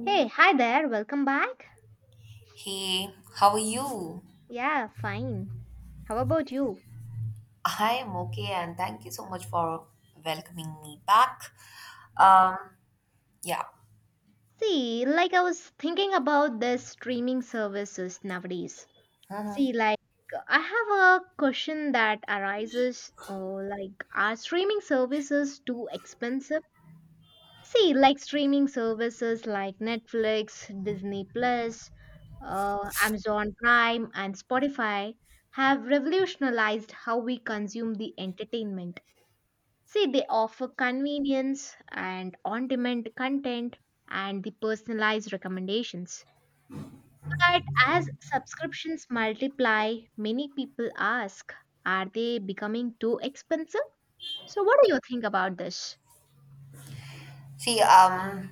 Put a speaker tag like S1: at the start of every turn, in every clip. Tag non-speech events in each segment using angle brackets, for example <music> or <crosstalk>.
S1: Hey, hi there. Welcome back.
S2: Hey, how are you?
S1: Yeah, fine. How about you?
S2: I'm okay, and thank you so much for welcoming me back.
S1: Yeah.
S2: Um, yeah.
S1: See, like I was thinking about the streaming services nowadays. See, like I have a question that arises, oh, like are streaming services too expensive? See, like streaming services like Netflix, Disney Plus, Amazon Prime, and Spotify have revolutionized how we consume the entertainment. See, they offer convenience and on demand content and the personalized recommendations. But as subscriptions multiply, many people ask, are they becoming too expensive? So, what do you think about this?
S2: See,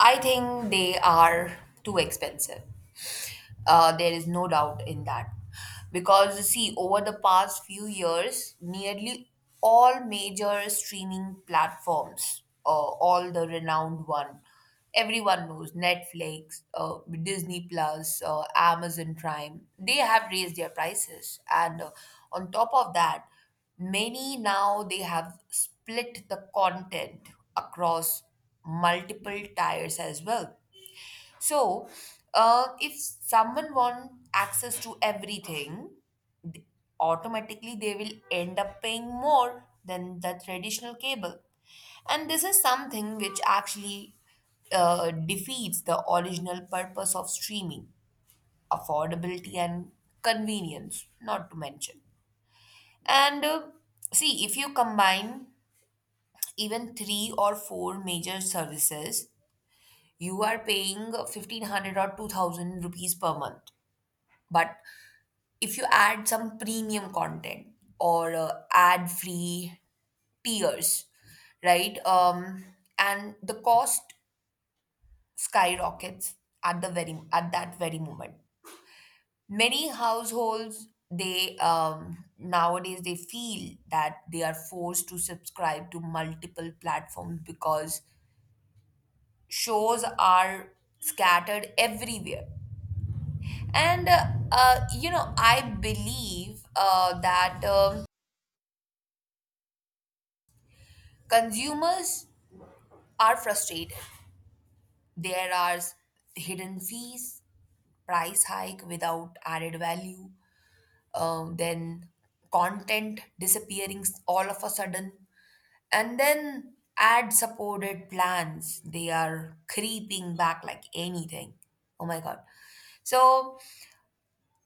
S2: I think they are too expensive. There is no doubt in that. Because, see, over the past few years, nearly all major streaming platforms, all the renowned one, everyone knows Netflix, Disney Plus, Amazon Prime, they have raised their prices. And on top of that, many now they have split the content across multiple tiers as well. So, if someone wants access to everything, th- automatically they will end up paying more than the traditional cable. And this is something which actually defeats the original purpose of streaming affordability and convenience, not to mention. And see, if you combine even three or four major services, you are paying 1500 or 2000 rupees per month, but if you add some premium content or ad free tiers, right, and the cost skyrockets at the very at that very moment. Many households, they nowadays, they feel that they are forced to subscribe to multiple platforms because shows are scattered everywhere. And I believe that consumers are frustrated. There are hidden fees, price hike without added value, then content disappearing all of a sudden, and then ad supported plans. They are creeping back like anything. Oh my God. So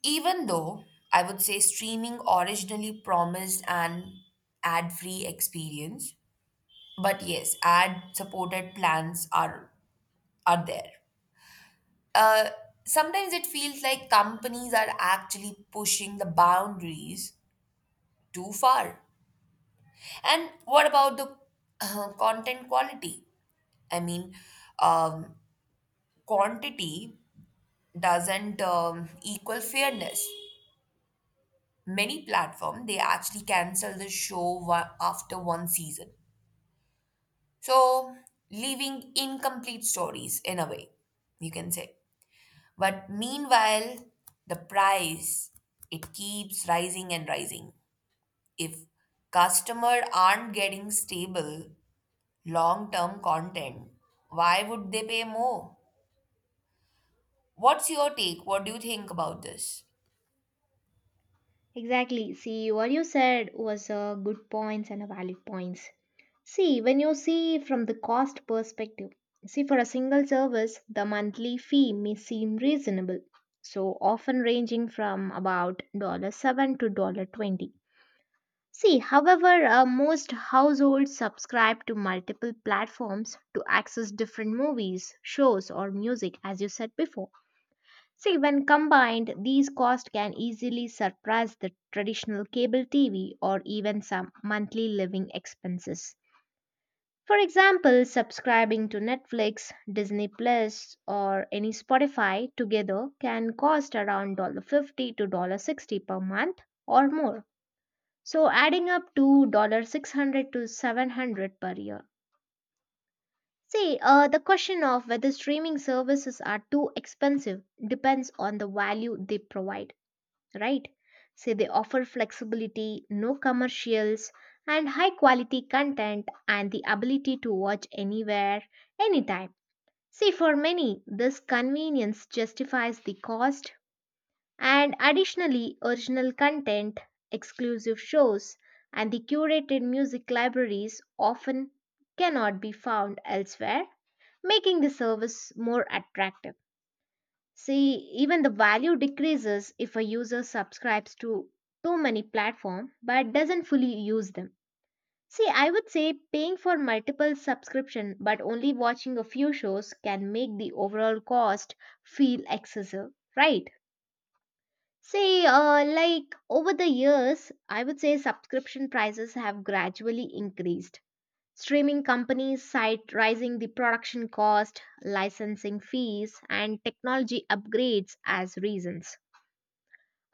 S2: even though I would say streaming originally promised an ad free experience, but yes, ad supported plans are there. Uh, Sometimes it feels like companies are actually pushing the boundaries too far. And what about the content quality? I mean, um, quantity doesn't equal fairness. Many platform, they actually cancel the show after one season, so leaving incomplete stories, in a way, you can say. But meanwhile, the price, it keeps rising and rising. If customer aren't getting stable long term content, why would they pay more? What's your take? What do you think about this?
S1: Exactly. See, what you said was a good points and a valid points. See, when you see from the cost perspective, see for a single service, the monthly fee may seem reasonable, so often ranging from about 7 to dollar 20. See, however, most households subscribe to multiple platforms to access different movies, shows, or music, as you said before. See, when combined, these costs can easily surpass the traditional cable TV or even some monthly living expenses. For example, subscribing to Netflix, Disney Plus, or any Spotify together can cost around $1 $50 to $1 $60 per month or more. So adding up to $600 to $700 per year. See, the question of whether streaming services are too expensive depends on the value they provide, right? Say they offer flexibility, no commercials, and high quality content and the ability to watch anywhere, anytime. See, for many, this convenience justifies the cost, and additionally, original content, exclusive shows, and the curated music libraries often cannot be found elsewhere, making the service more attractive. See, even the value decreases if a user subscribes to too many platforms but doesn't fully use them. See, I would say paying for multiple subscription but only watching a few shows can make the overall cost feel excessive, right? See, like over the years, I would say subscription prices have gradually increased. Streaming companies cite rising the production cost, licensing fees, and technology upgrades as reasons.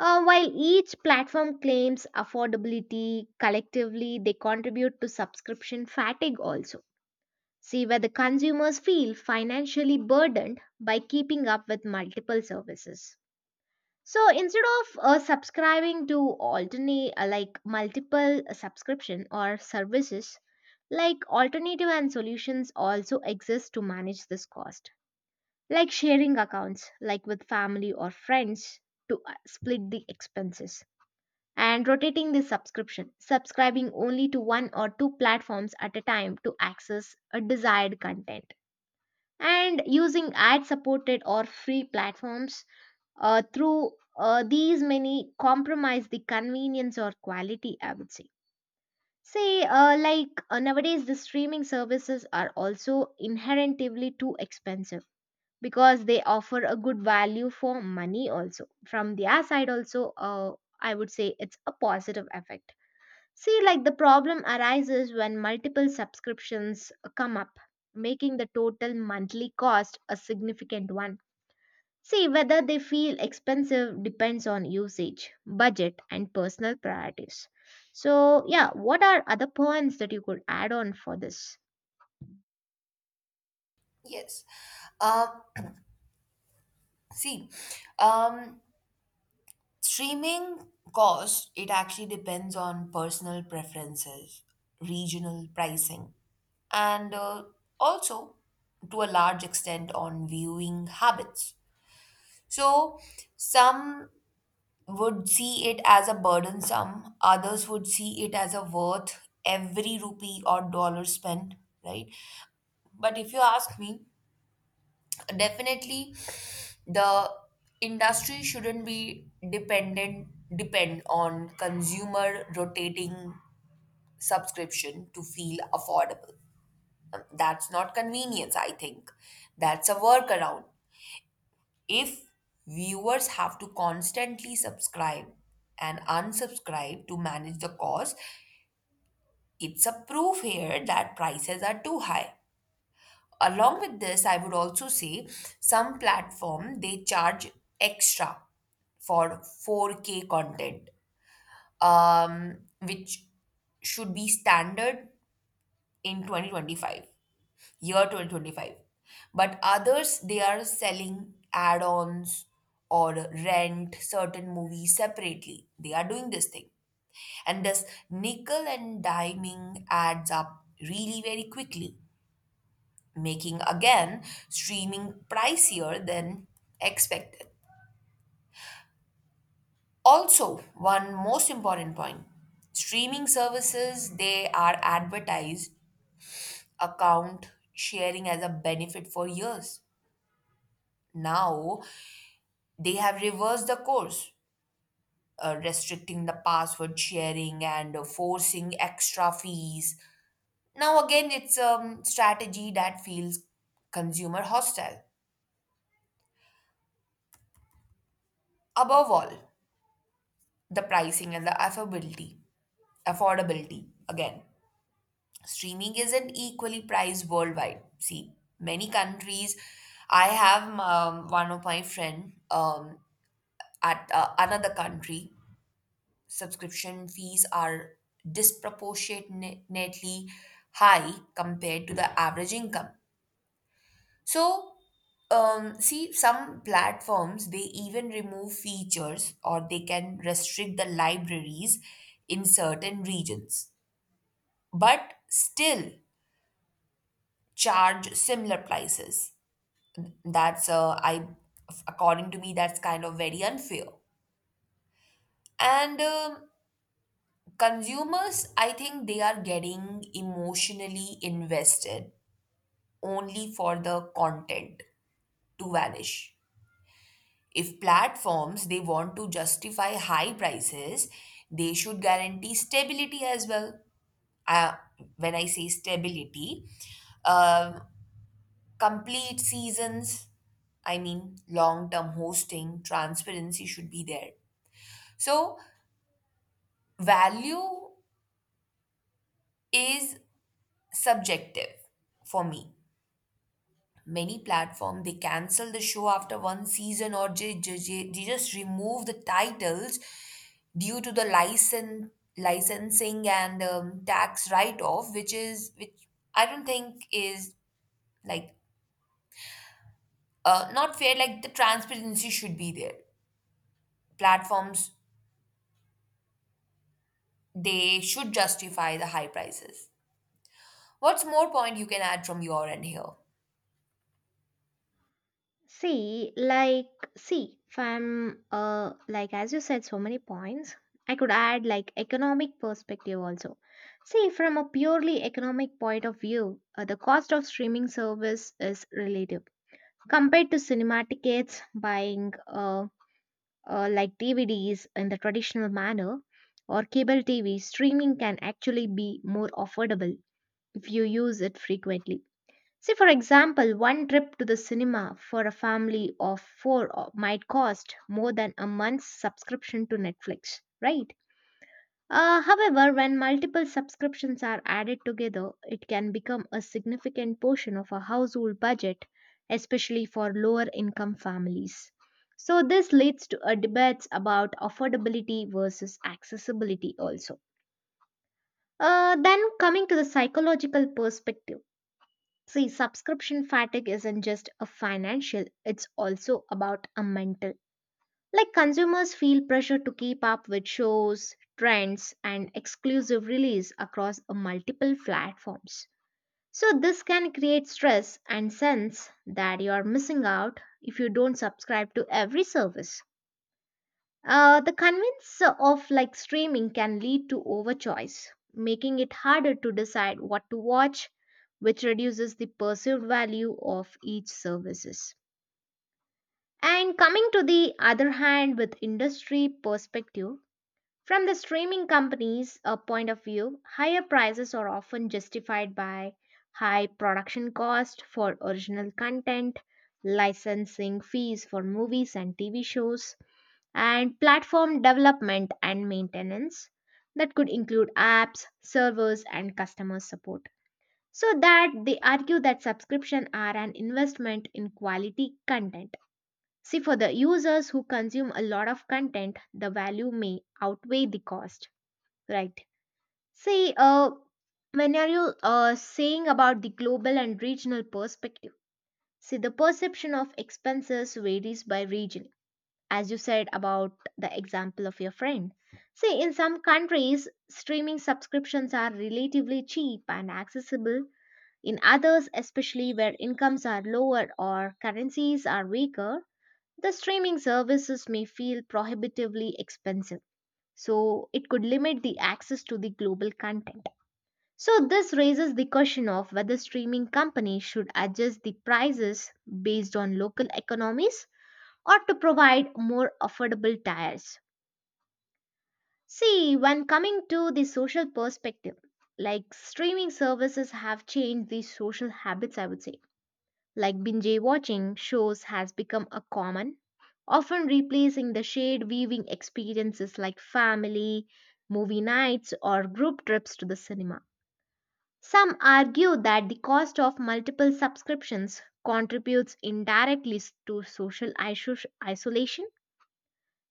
S1: While each platform claims affordability, collectively they contribute to subscription fatigue also. See where the consumers feel financially burdened by keeping up with multiple services. So instead of subscribing to alternate like multiple subscription or services, like alternative and solutions also exist to manage this cost. Like sharing accounts, like with family or friends to split the expenses and rotating the subscription, subscribing only to one or two platforms at a time to access a desired content. And using ad supported or free platforms through these many compromise the convenience or quality, I would say. Say, nowadays, the streaming services are also inherently too expensive because they offer a good value for money, also. From their side, also, I would say it's a positive effect. See, like the problem arises when multiple subscriptions come up, making the total monthly cost a significant one. See, whether they feel expensive depends on usage, budget, and personal priorities. So, yeah, what are other points that you could add on for this?
S2: Yes um see um Streaming cost, it actually depends on personal preferences, regional pricing, and also, to a large extent, on viewing habits. So some would see it as a burdensome, others would see it as a worth every rupee or dollar spent, right? But if you ask me, definitely the industry shouldn't be depend on consumer rotating subscription to feel affordable. That's not convenience, I think. That's a workaround. If viewers have to constantly subscribe and unsubscribe to manage the cost, it's a proof here that prices are too high. Along with this, I would also say some platform, they charge extra for 4K content, which should be standard in 2025, year 2025. But others, they are selling add-ons or rent certain movies separately, they are doing this thing. And this nickel and diming adds up really very quickly, making, again, streaming pricier than expected. Also, one most important point, streaming services, they are advertised account sharing as a benefit for years. Now they have reversed the course, restricting the password sharing and forcing extra fees. Now, again, it's a strategy that feels consumer hostile. Above all, the pricing and the affordability. Affordability. Again, streaming isn't equally priced worldwide. See, many countries, I have one of my friend at another country, subscription fees are disproportionately high compared to the average income. So, see, some platforms, they even remove features or they can restrict the libraries in certain regions, but still charge similar prices. That's I according to me, that's kind of very unfair. And consumers, I think, they are getting emotionally invested only for the content to vanish. If platforms, they want to justify high prices, they should guarantee stability as well. Uh, when I say stability, um complete seasons. I mean, long term hosting, transparency should be there. So value is subjective for me. Many platform, they cancel the show after one season, or they just remove the titles due to the license licensing and tax write off, which is which I don't think is like not fair. Like the transparency should be there. Platforms, they should justify the high prices. What's more point you can add from your end here?
S1: See, like, see, if I'm, like, as you said, so many points, I could add, like, economic perspective also. See, from a purely economic point of view, the cost of streaming service is relative. Compared to cinema tickets, buying, like, DVDs in the traditional manner, or cable TV, streaming can actually be more affordable if you use it frequently. Say, for example, one trip to the cinema for a family of four might cost more than a month's subscription to Netflix, right? However, when multiple subscriptions are added together, it can become a significant portion of a household budget, especially for lower income families. So, this leads to a debate about affordability versus accessibility also. Then, coming to the psychological perspective. See, subscription fatigue isn't just a financial, it's also about a mental. Like consumers feel pressure to keep up with shows, trends, and exclusive release across a multiple platforms. So this can create stress and sense that you are missing out if you don't subscribe to every service. The convenience of like streaming can lead to overchoice, making it harder to decide what to watch, which reduces the perceived value of each services. And coming to the other hand with industry perspective, from the streaming companies' point of view, higher prices are often justified by high production cost for original content, licensing fees for movies and TV shows, and platform development and maintenance that could include apps, servers, and customer support. So that they argue that subscription are an investment in quality content. See, for the users who consume a lot of content, the value may outweigh the cost, right? See, when are you saying about the global and regional perspective? See, the perception of expenses varies by region as you said about the example of your friend. See, in some countries, streaming subscriptions are relatively cheap and accessible. In others, especially where incomes are lower or currencies are weaker, the streaming services may feel prohibitively expensive. So, it could limit the access to the global content. So, this raises the question of whether streaming companies should adjust the prices based on local economies or to provide more affordable tiers. See, when coming to the social perspective, like streaming services have changed the social habits, I would say. Like binge watching shows has become a common, often replacing the shared viewing experiences like family, movie nights, or group trips to the cinema. Some argue that the cost of multiple subscriptions contributes indirectly to social isolation.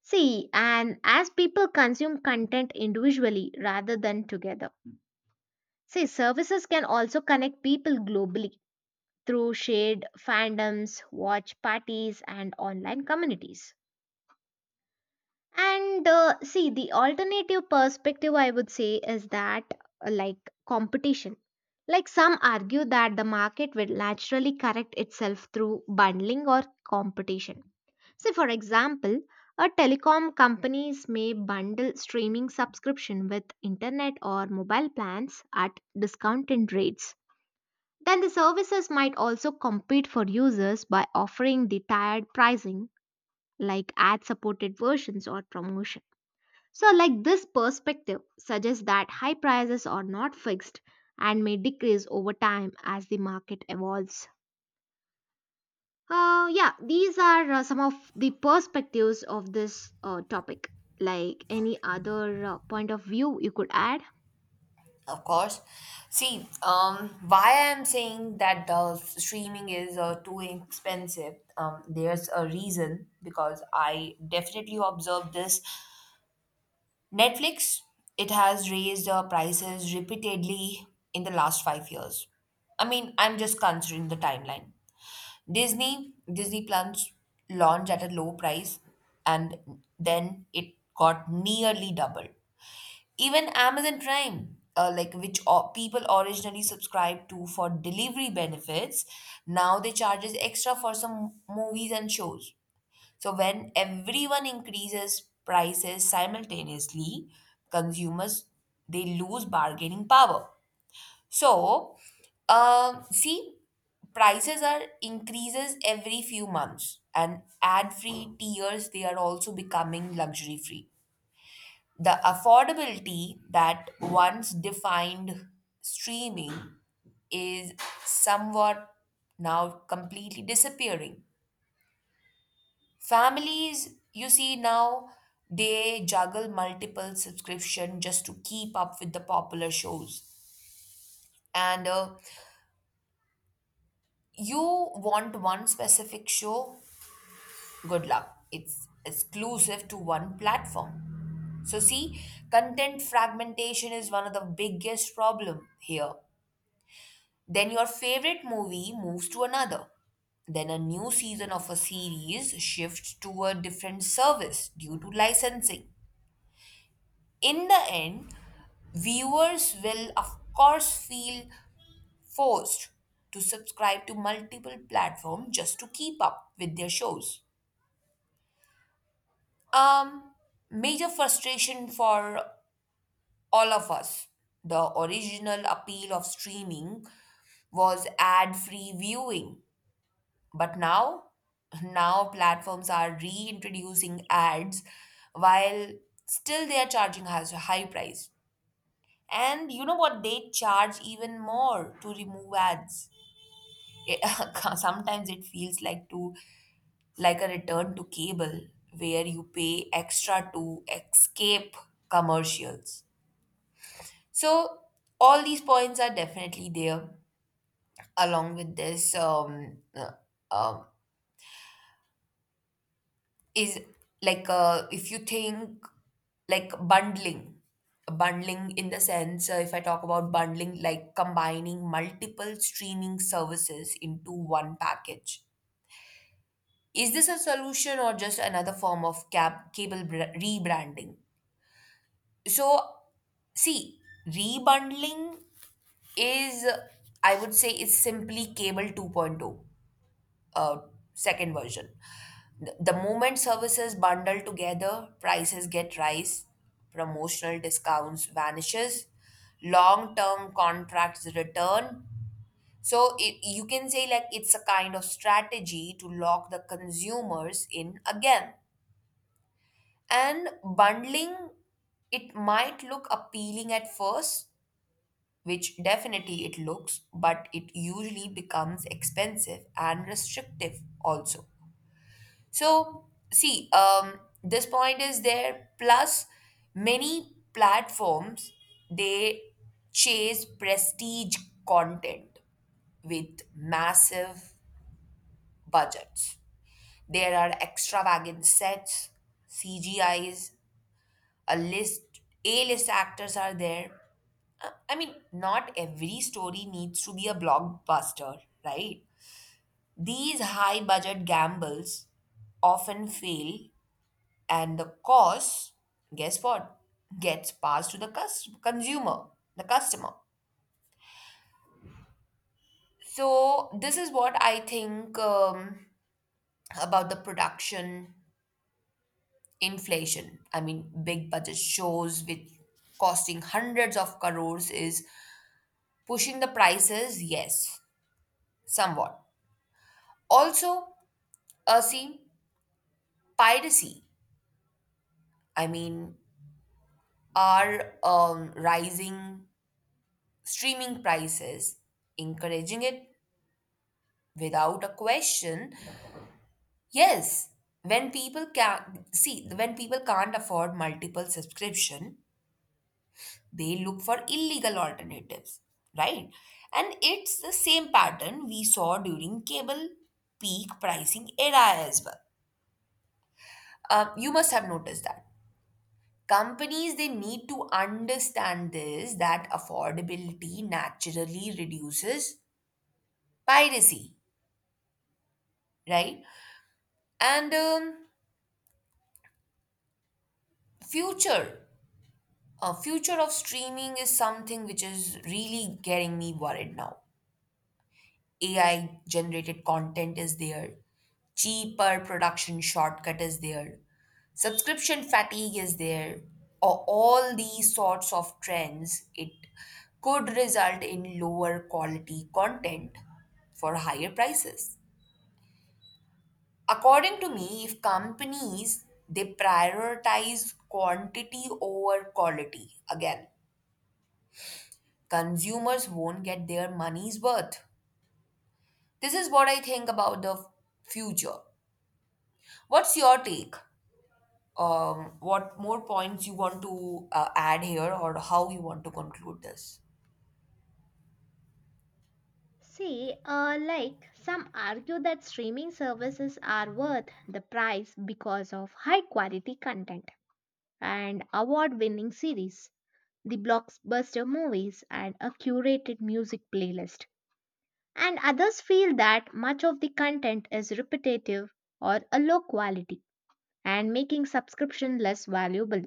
S1: See, and as people consume content individually rather than together. See, services can also connect people globally through shared fandoms, watch parties, and online communities. And see, the alternative perspective I would say is that like competition. Like some argue that the market will naturally correct itself through bundling or competition. So, for example, a telecom companies may bundle streaming subscription with internet or mobile plans at discounted rates. Then the services might also compete for users by offering the tiered pricing like ad supported versions or promotion. So, like this perspective suggests that high prices are not fixed and may decrease over time as the market evolves. Yeah, these are some of the perspectives of this topic. Like any other point of view you could add?
S2: Of course. See, why I'm saying that the streaming is too expensive, there's a reason, because I definitely observed this. Netflix, it has raised prices repeatedly in the last 5 years. I mean, I'm just considering the timeline. Disney plans launch at a low price and then it got nearly doubled. Even Amazon Prime, which people originally subscribed to for delivery benefits, now they charges extra for some movies and shows. So when everyone increases prices simultaneously, consumers, they lose bargaining power. So, see, prices are increases every few months, and ad-free tiers, they are also becoming luxury-free. The affordability that once defined streaming is somewhat now completely disappearing. Families, you see, now they juggle multiple subscription just to keep up with the popular shows. And you want one specific show, good luck, it's exclusive to one platform. So, see, content fragmentation is one of the biggest problem here. Then your favorite movie moves to another, then a new season of a series shifts to a different service due to licensing. In the end, viewers will, of course, feel forced to subscribe to multiple platforms just to keep up with their shows. Um, major frustration for all of us. The original appeal of streaming was ad-free viewing, but now platforms are reintroducing ads while still they are charging us a high price. And you know what? They charge even more to remove ads. It, <laughs> sometimes it feels like to like a return to cable, where you pay extra to escape commercials. So all these points are definitely there. Along with this um, is like if you think like bundling bundling in the sense, if I talk about bundling, like combining multiple streaming services into one package, is this a solution or just another form of cable rebranding? So, see, rebundling is, I would say, is simply cable 2.0, uh, second version. The moment services bundle together, prices get rise, promotional discounts vanishes, long-term contracts return. So, you can say, like, it's a kind of strategy to lock the consumers in again. And bundling, it might look appealing at first, which definitely it looks, but it usually becomes expensive and restrictive also. So, see, this point is there. Plus, many platforms, they chase prestige content with massive budgets. There are extravagant sets, CGIs, A-list actors are there. I mean, not every story needs to be a blockbuster, right? These high budget gambles often fail. And the cost, guess what? Gets passed to the consumer, the customer. So this is what I think about the production inflation. I mean, big budget shows with costing hundreds of crores is pushing the prices, yes, somewhat. Also, see, piracy. I mean, are rising streaming prices encouraging it? Without a question, yes. When people can't afford multiple subscription, they look for illegal alternatives, right? And it's the same pattern we saw during cable peak pricing era as well. You must have noticed that companies, they need to understand this, that affordability naturally reduces piracy, right? and future. A future of streaming is something which is really getting me worried now. AI generated content is there, cheaper production shortcut is there, subscription fatigue is there, or all these sorts of trends. It could result in lower quality content for higher prices. According to me, if companies, they prioritize quantity over quality again, consumers won't get their money's worth. This is what I think about the future. What's your take? What more points you want to add here, or how you want to conclude this?
S1: See, like some argue that streaming services are worth the price because of high quality content and award winning series, the blockbuster movies, and a curated music playlist. And others feel that much of the content is repetitive or a low quality and making subscription less valuable.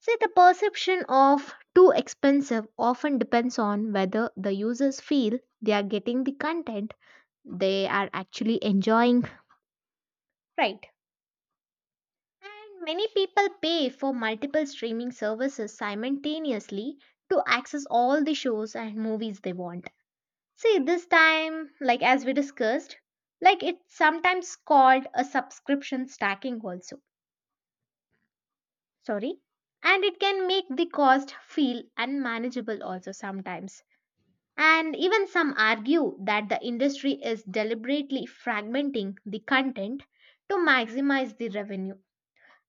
S1: See, the perception of too expensive often depends on whether the users feel they are getting the content they are actually enjoying. Right. And many people pay for multiple streaming services simultaneously to access all the shows and movies they want. See, this time, like as we discussed, like it's sometimes called a subscription stacking also. Sorry. And it can make the cost feel unmanageable also sometimes. And even some argue that the industry is deliberately fragmenting the content to maximize the revenue.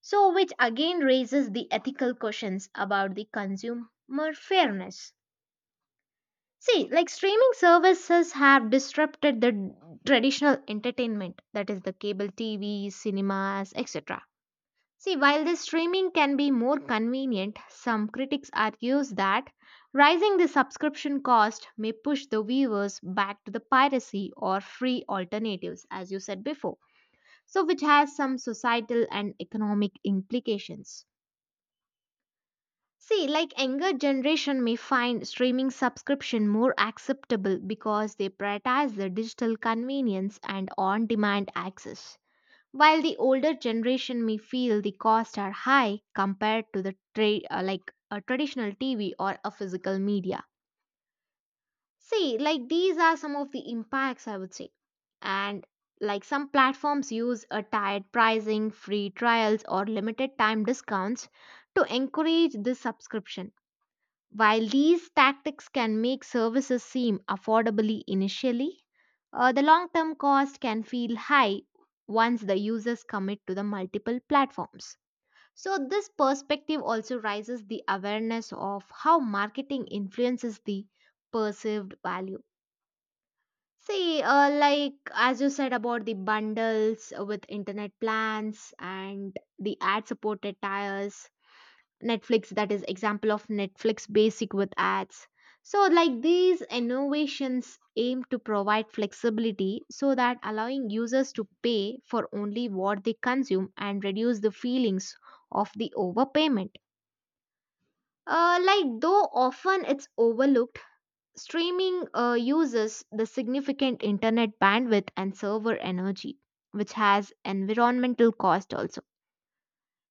S1: So, which again raises the ethical questions about the consumer fairness. See, like streaming services have disrupted the traditional entertainment, that is, the cable TV, cinemas, etc. See, while this streaming can be more convenient, some critics argues that rising the subscription cost may push the viewers back to the piracy or free alternatives, as you said before. So, which has some societal and economic implications. See, like younger generation may find streaming subscription more acceptable because they prioritize the digital convenience and on-demand access, while the older generation may feel the costs are high compared to the like a traditional TV or a physical media. See, like these are some of the impacts I would say. And like some platforms use a tiered pricing, free trials or limited time discounts to encourage this subscription while these tactics can make services seem affordably initially, the long term cost can feel high once the users commit to the multiple platforms. So, this perspective also raises the awareness of how marketing influences the perceived value. See, like as you said about the bundles with internet plans and the ad supported tiers, Netflix, that is example of Netflix basic with ads. So like these innovations aim to provide flexibility so that allowing users to pay for only what they consume and reduce the feelings of the overpayment. Like though often it's overlooked, streaming uses the significant internet bandwidth and server energy, which has environmental cost also.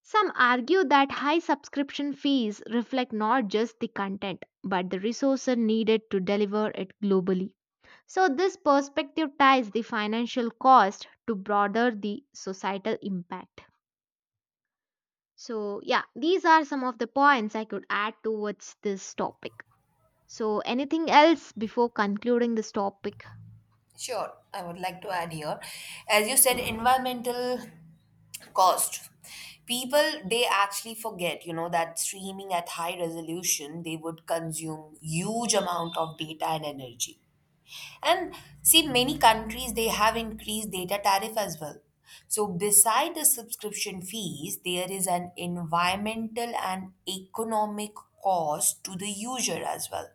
S1: Some argue that high subscription fees reflect not just the content, but the resources needed to deliver it globally. So, this perspective ties the financial cost to broader the societal impact. So, yeah, these are some of the points I could add towards this topic. So, anything else before concluding this topic?
S2: Sure, I would like to add here. As you said, environmental cost. People, they actually forget, you know, that streaming at high resolution, they would consume huge amount of data and energy. And see, many countries, they have increased data tariff as well. So beside the subscription fees, there is an environmental and economic cost to the user as well.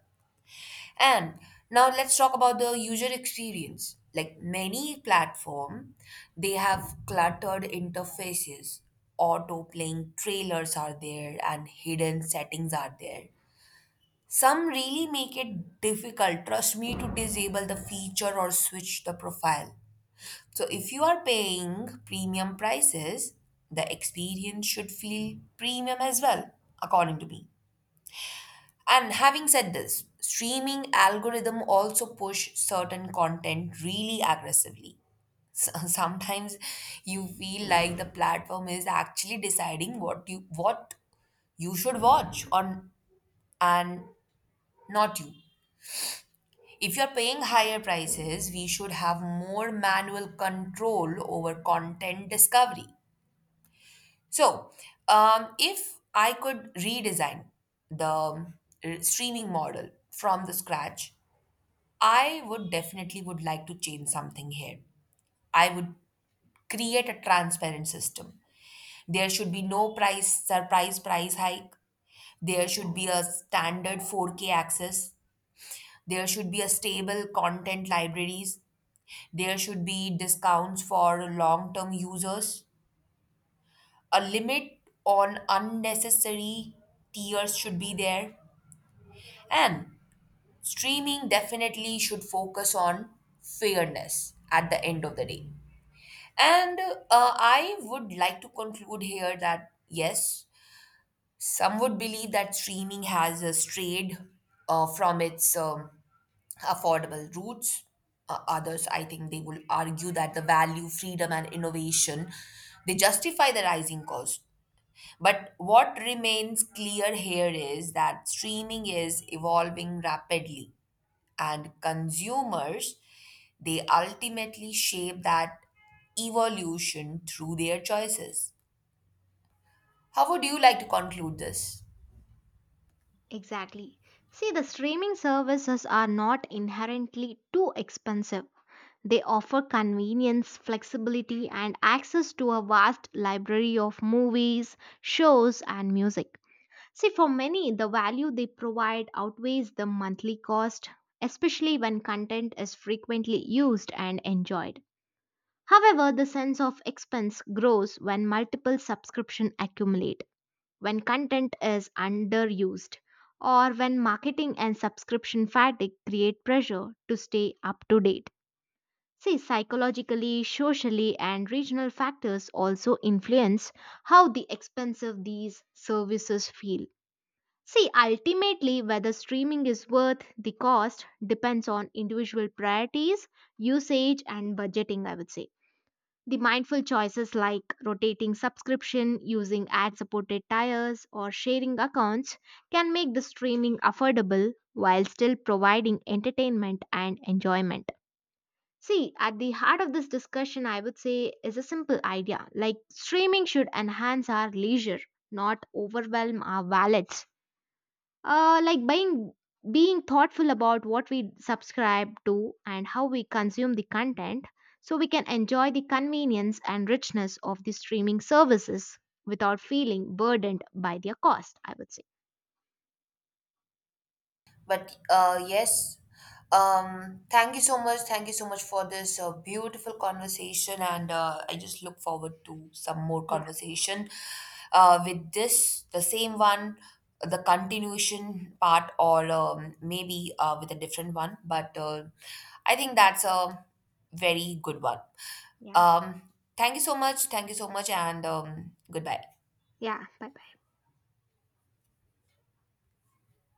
S2: And now let's talk about the user experience. Like many platform, they have cluttered interfaces. Auto playing trailers are there and hidden settings are there. Some really make it difficult, trust me, to disable the feature or switch the profile. So if you are paying premium prices, the experience should feel premium as well, according to me. And having said this, streaming algorithm also push certain content really aggressively. <laughs> Sometimes you feel like the platform is actually deciding what you should watch on and not you. If you're paying higher prices, we should have more manual control over content discovery. So, if I could redesign the streaming model from the scratch, I would definitely would like to change something here. I would create a transparent system. There should be no price hike. There should be a standard 4K access. There should be a stable content libraries. There should be discounts for long-term users. A limit on unnecessary tiers should be there. And streaming definitely should focus on fairness at the end of the day. And I would like to conclude here that yes, some would believe that streaming has strayed from its affordable roots. Others, I think, they will argue that the value, freedom, and innovation, they justify the rising cost. But what remains clear here is that streaming is evolving rapidly, and consumers, they ultimately shape that evolution through their choices. How would you like to conclude this?
S1: Exactly. See, the streaming services are not inherently too expensive. They offer convenience, flexibility, and access to a vast library of movies, shows, and music. See, for many, the value they provide outweighs the monthly cost, especially when content is frequently used and enjoyed. However, the sense of expense grows when multiple subscriptions accumulate, when content is underused, or when marketing and subscription fatigue create pressure to stay up to date. See, psychologically, socially, and regional factors also influence how the expensive these services feel. See, ultimately, whether streaming is worth the cost depends on individual priorities, usage, and budgeting, I would say. The mindful choices like rotating subscription, using ad supported tiers, or sharing accounts can make the streaming affordable while still providing entertainment and enjoyment. See, at the heart of this discussion, I would say, is a simple idea like streaming should enhance our leisure, not overwhelm our wallets. Like being thoughtful about what we subscribe to and how we consume the content so we can enjoy the convenience and richness of the streaming services without feeling burdened by their cost, I would say.
S2: But yes, thank you so much. Thank you so much for this beautiful conversation, and I just look forward to some more
S1: Yeah,
S2: conversation with this, the same one, the continuation part, or maybe with a different one. But I think that's a very good one.
S1: yeah,
S2: Um, Thank you so much. Thank you so much, and goodbye.
S1: yeah. But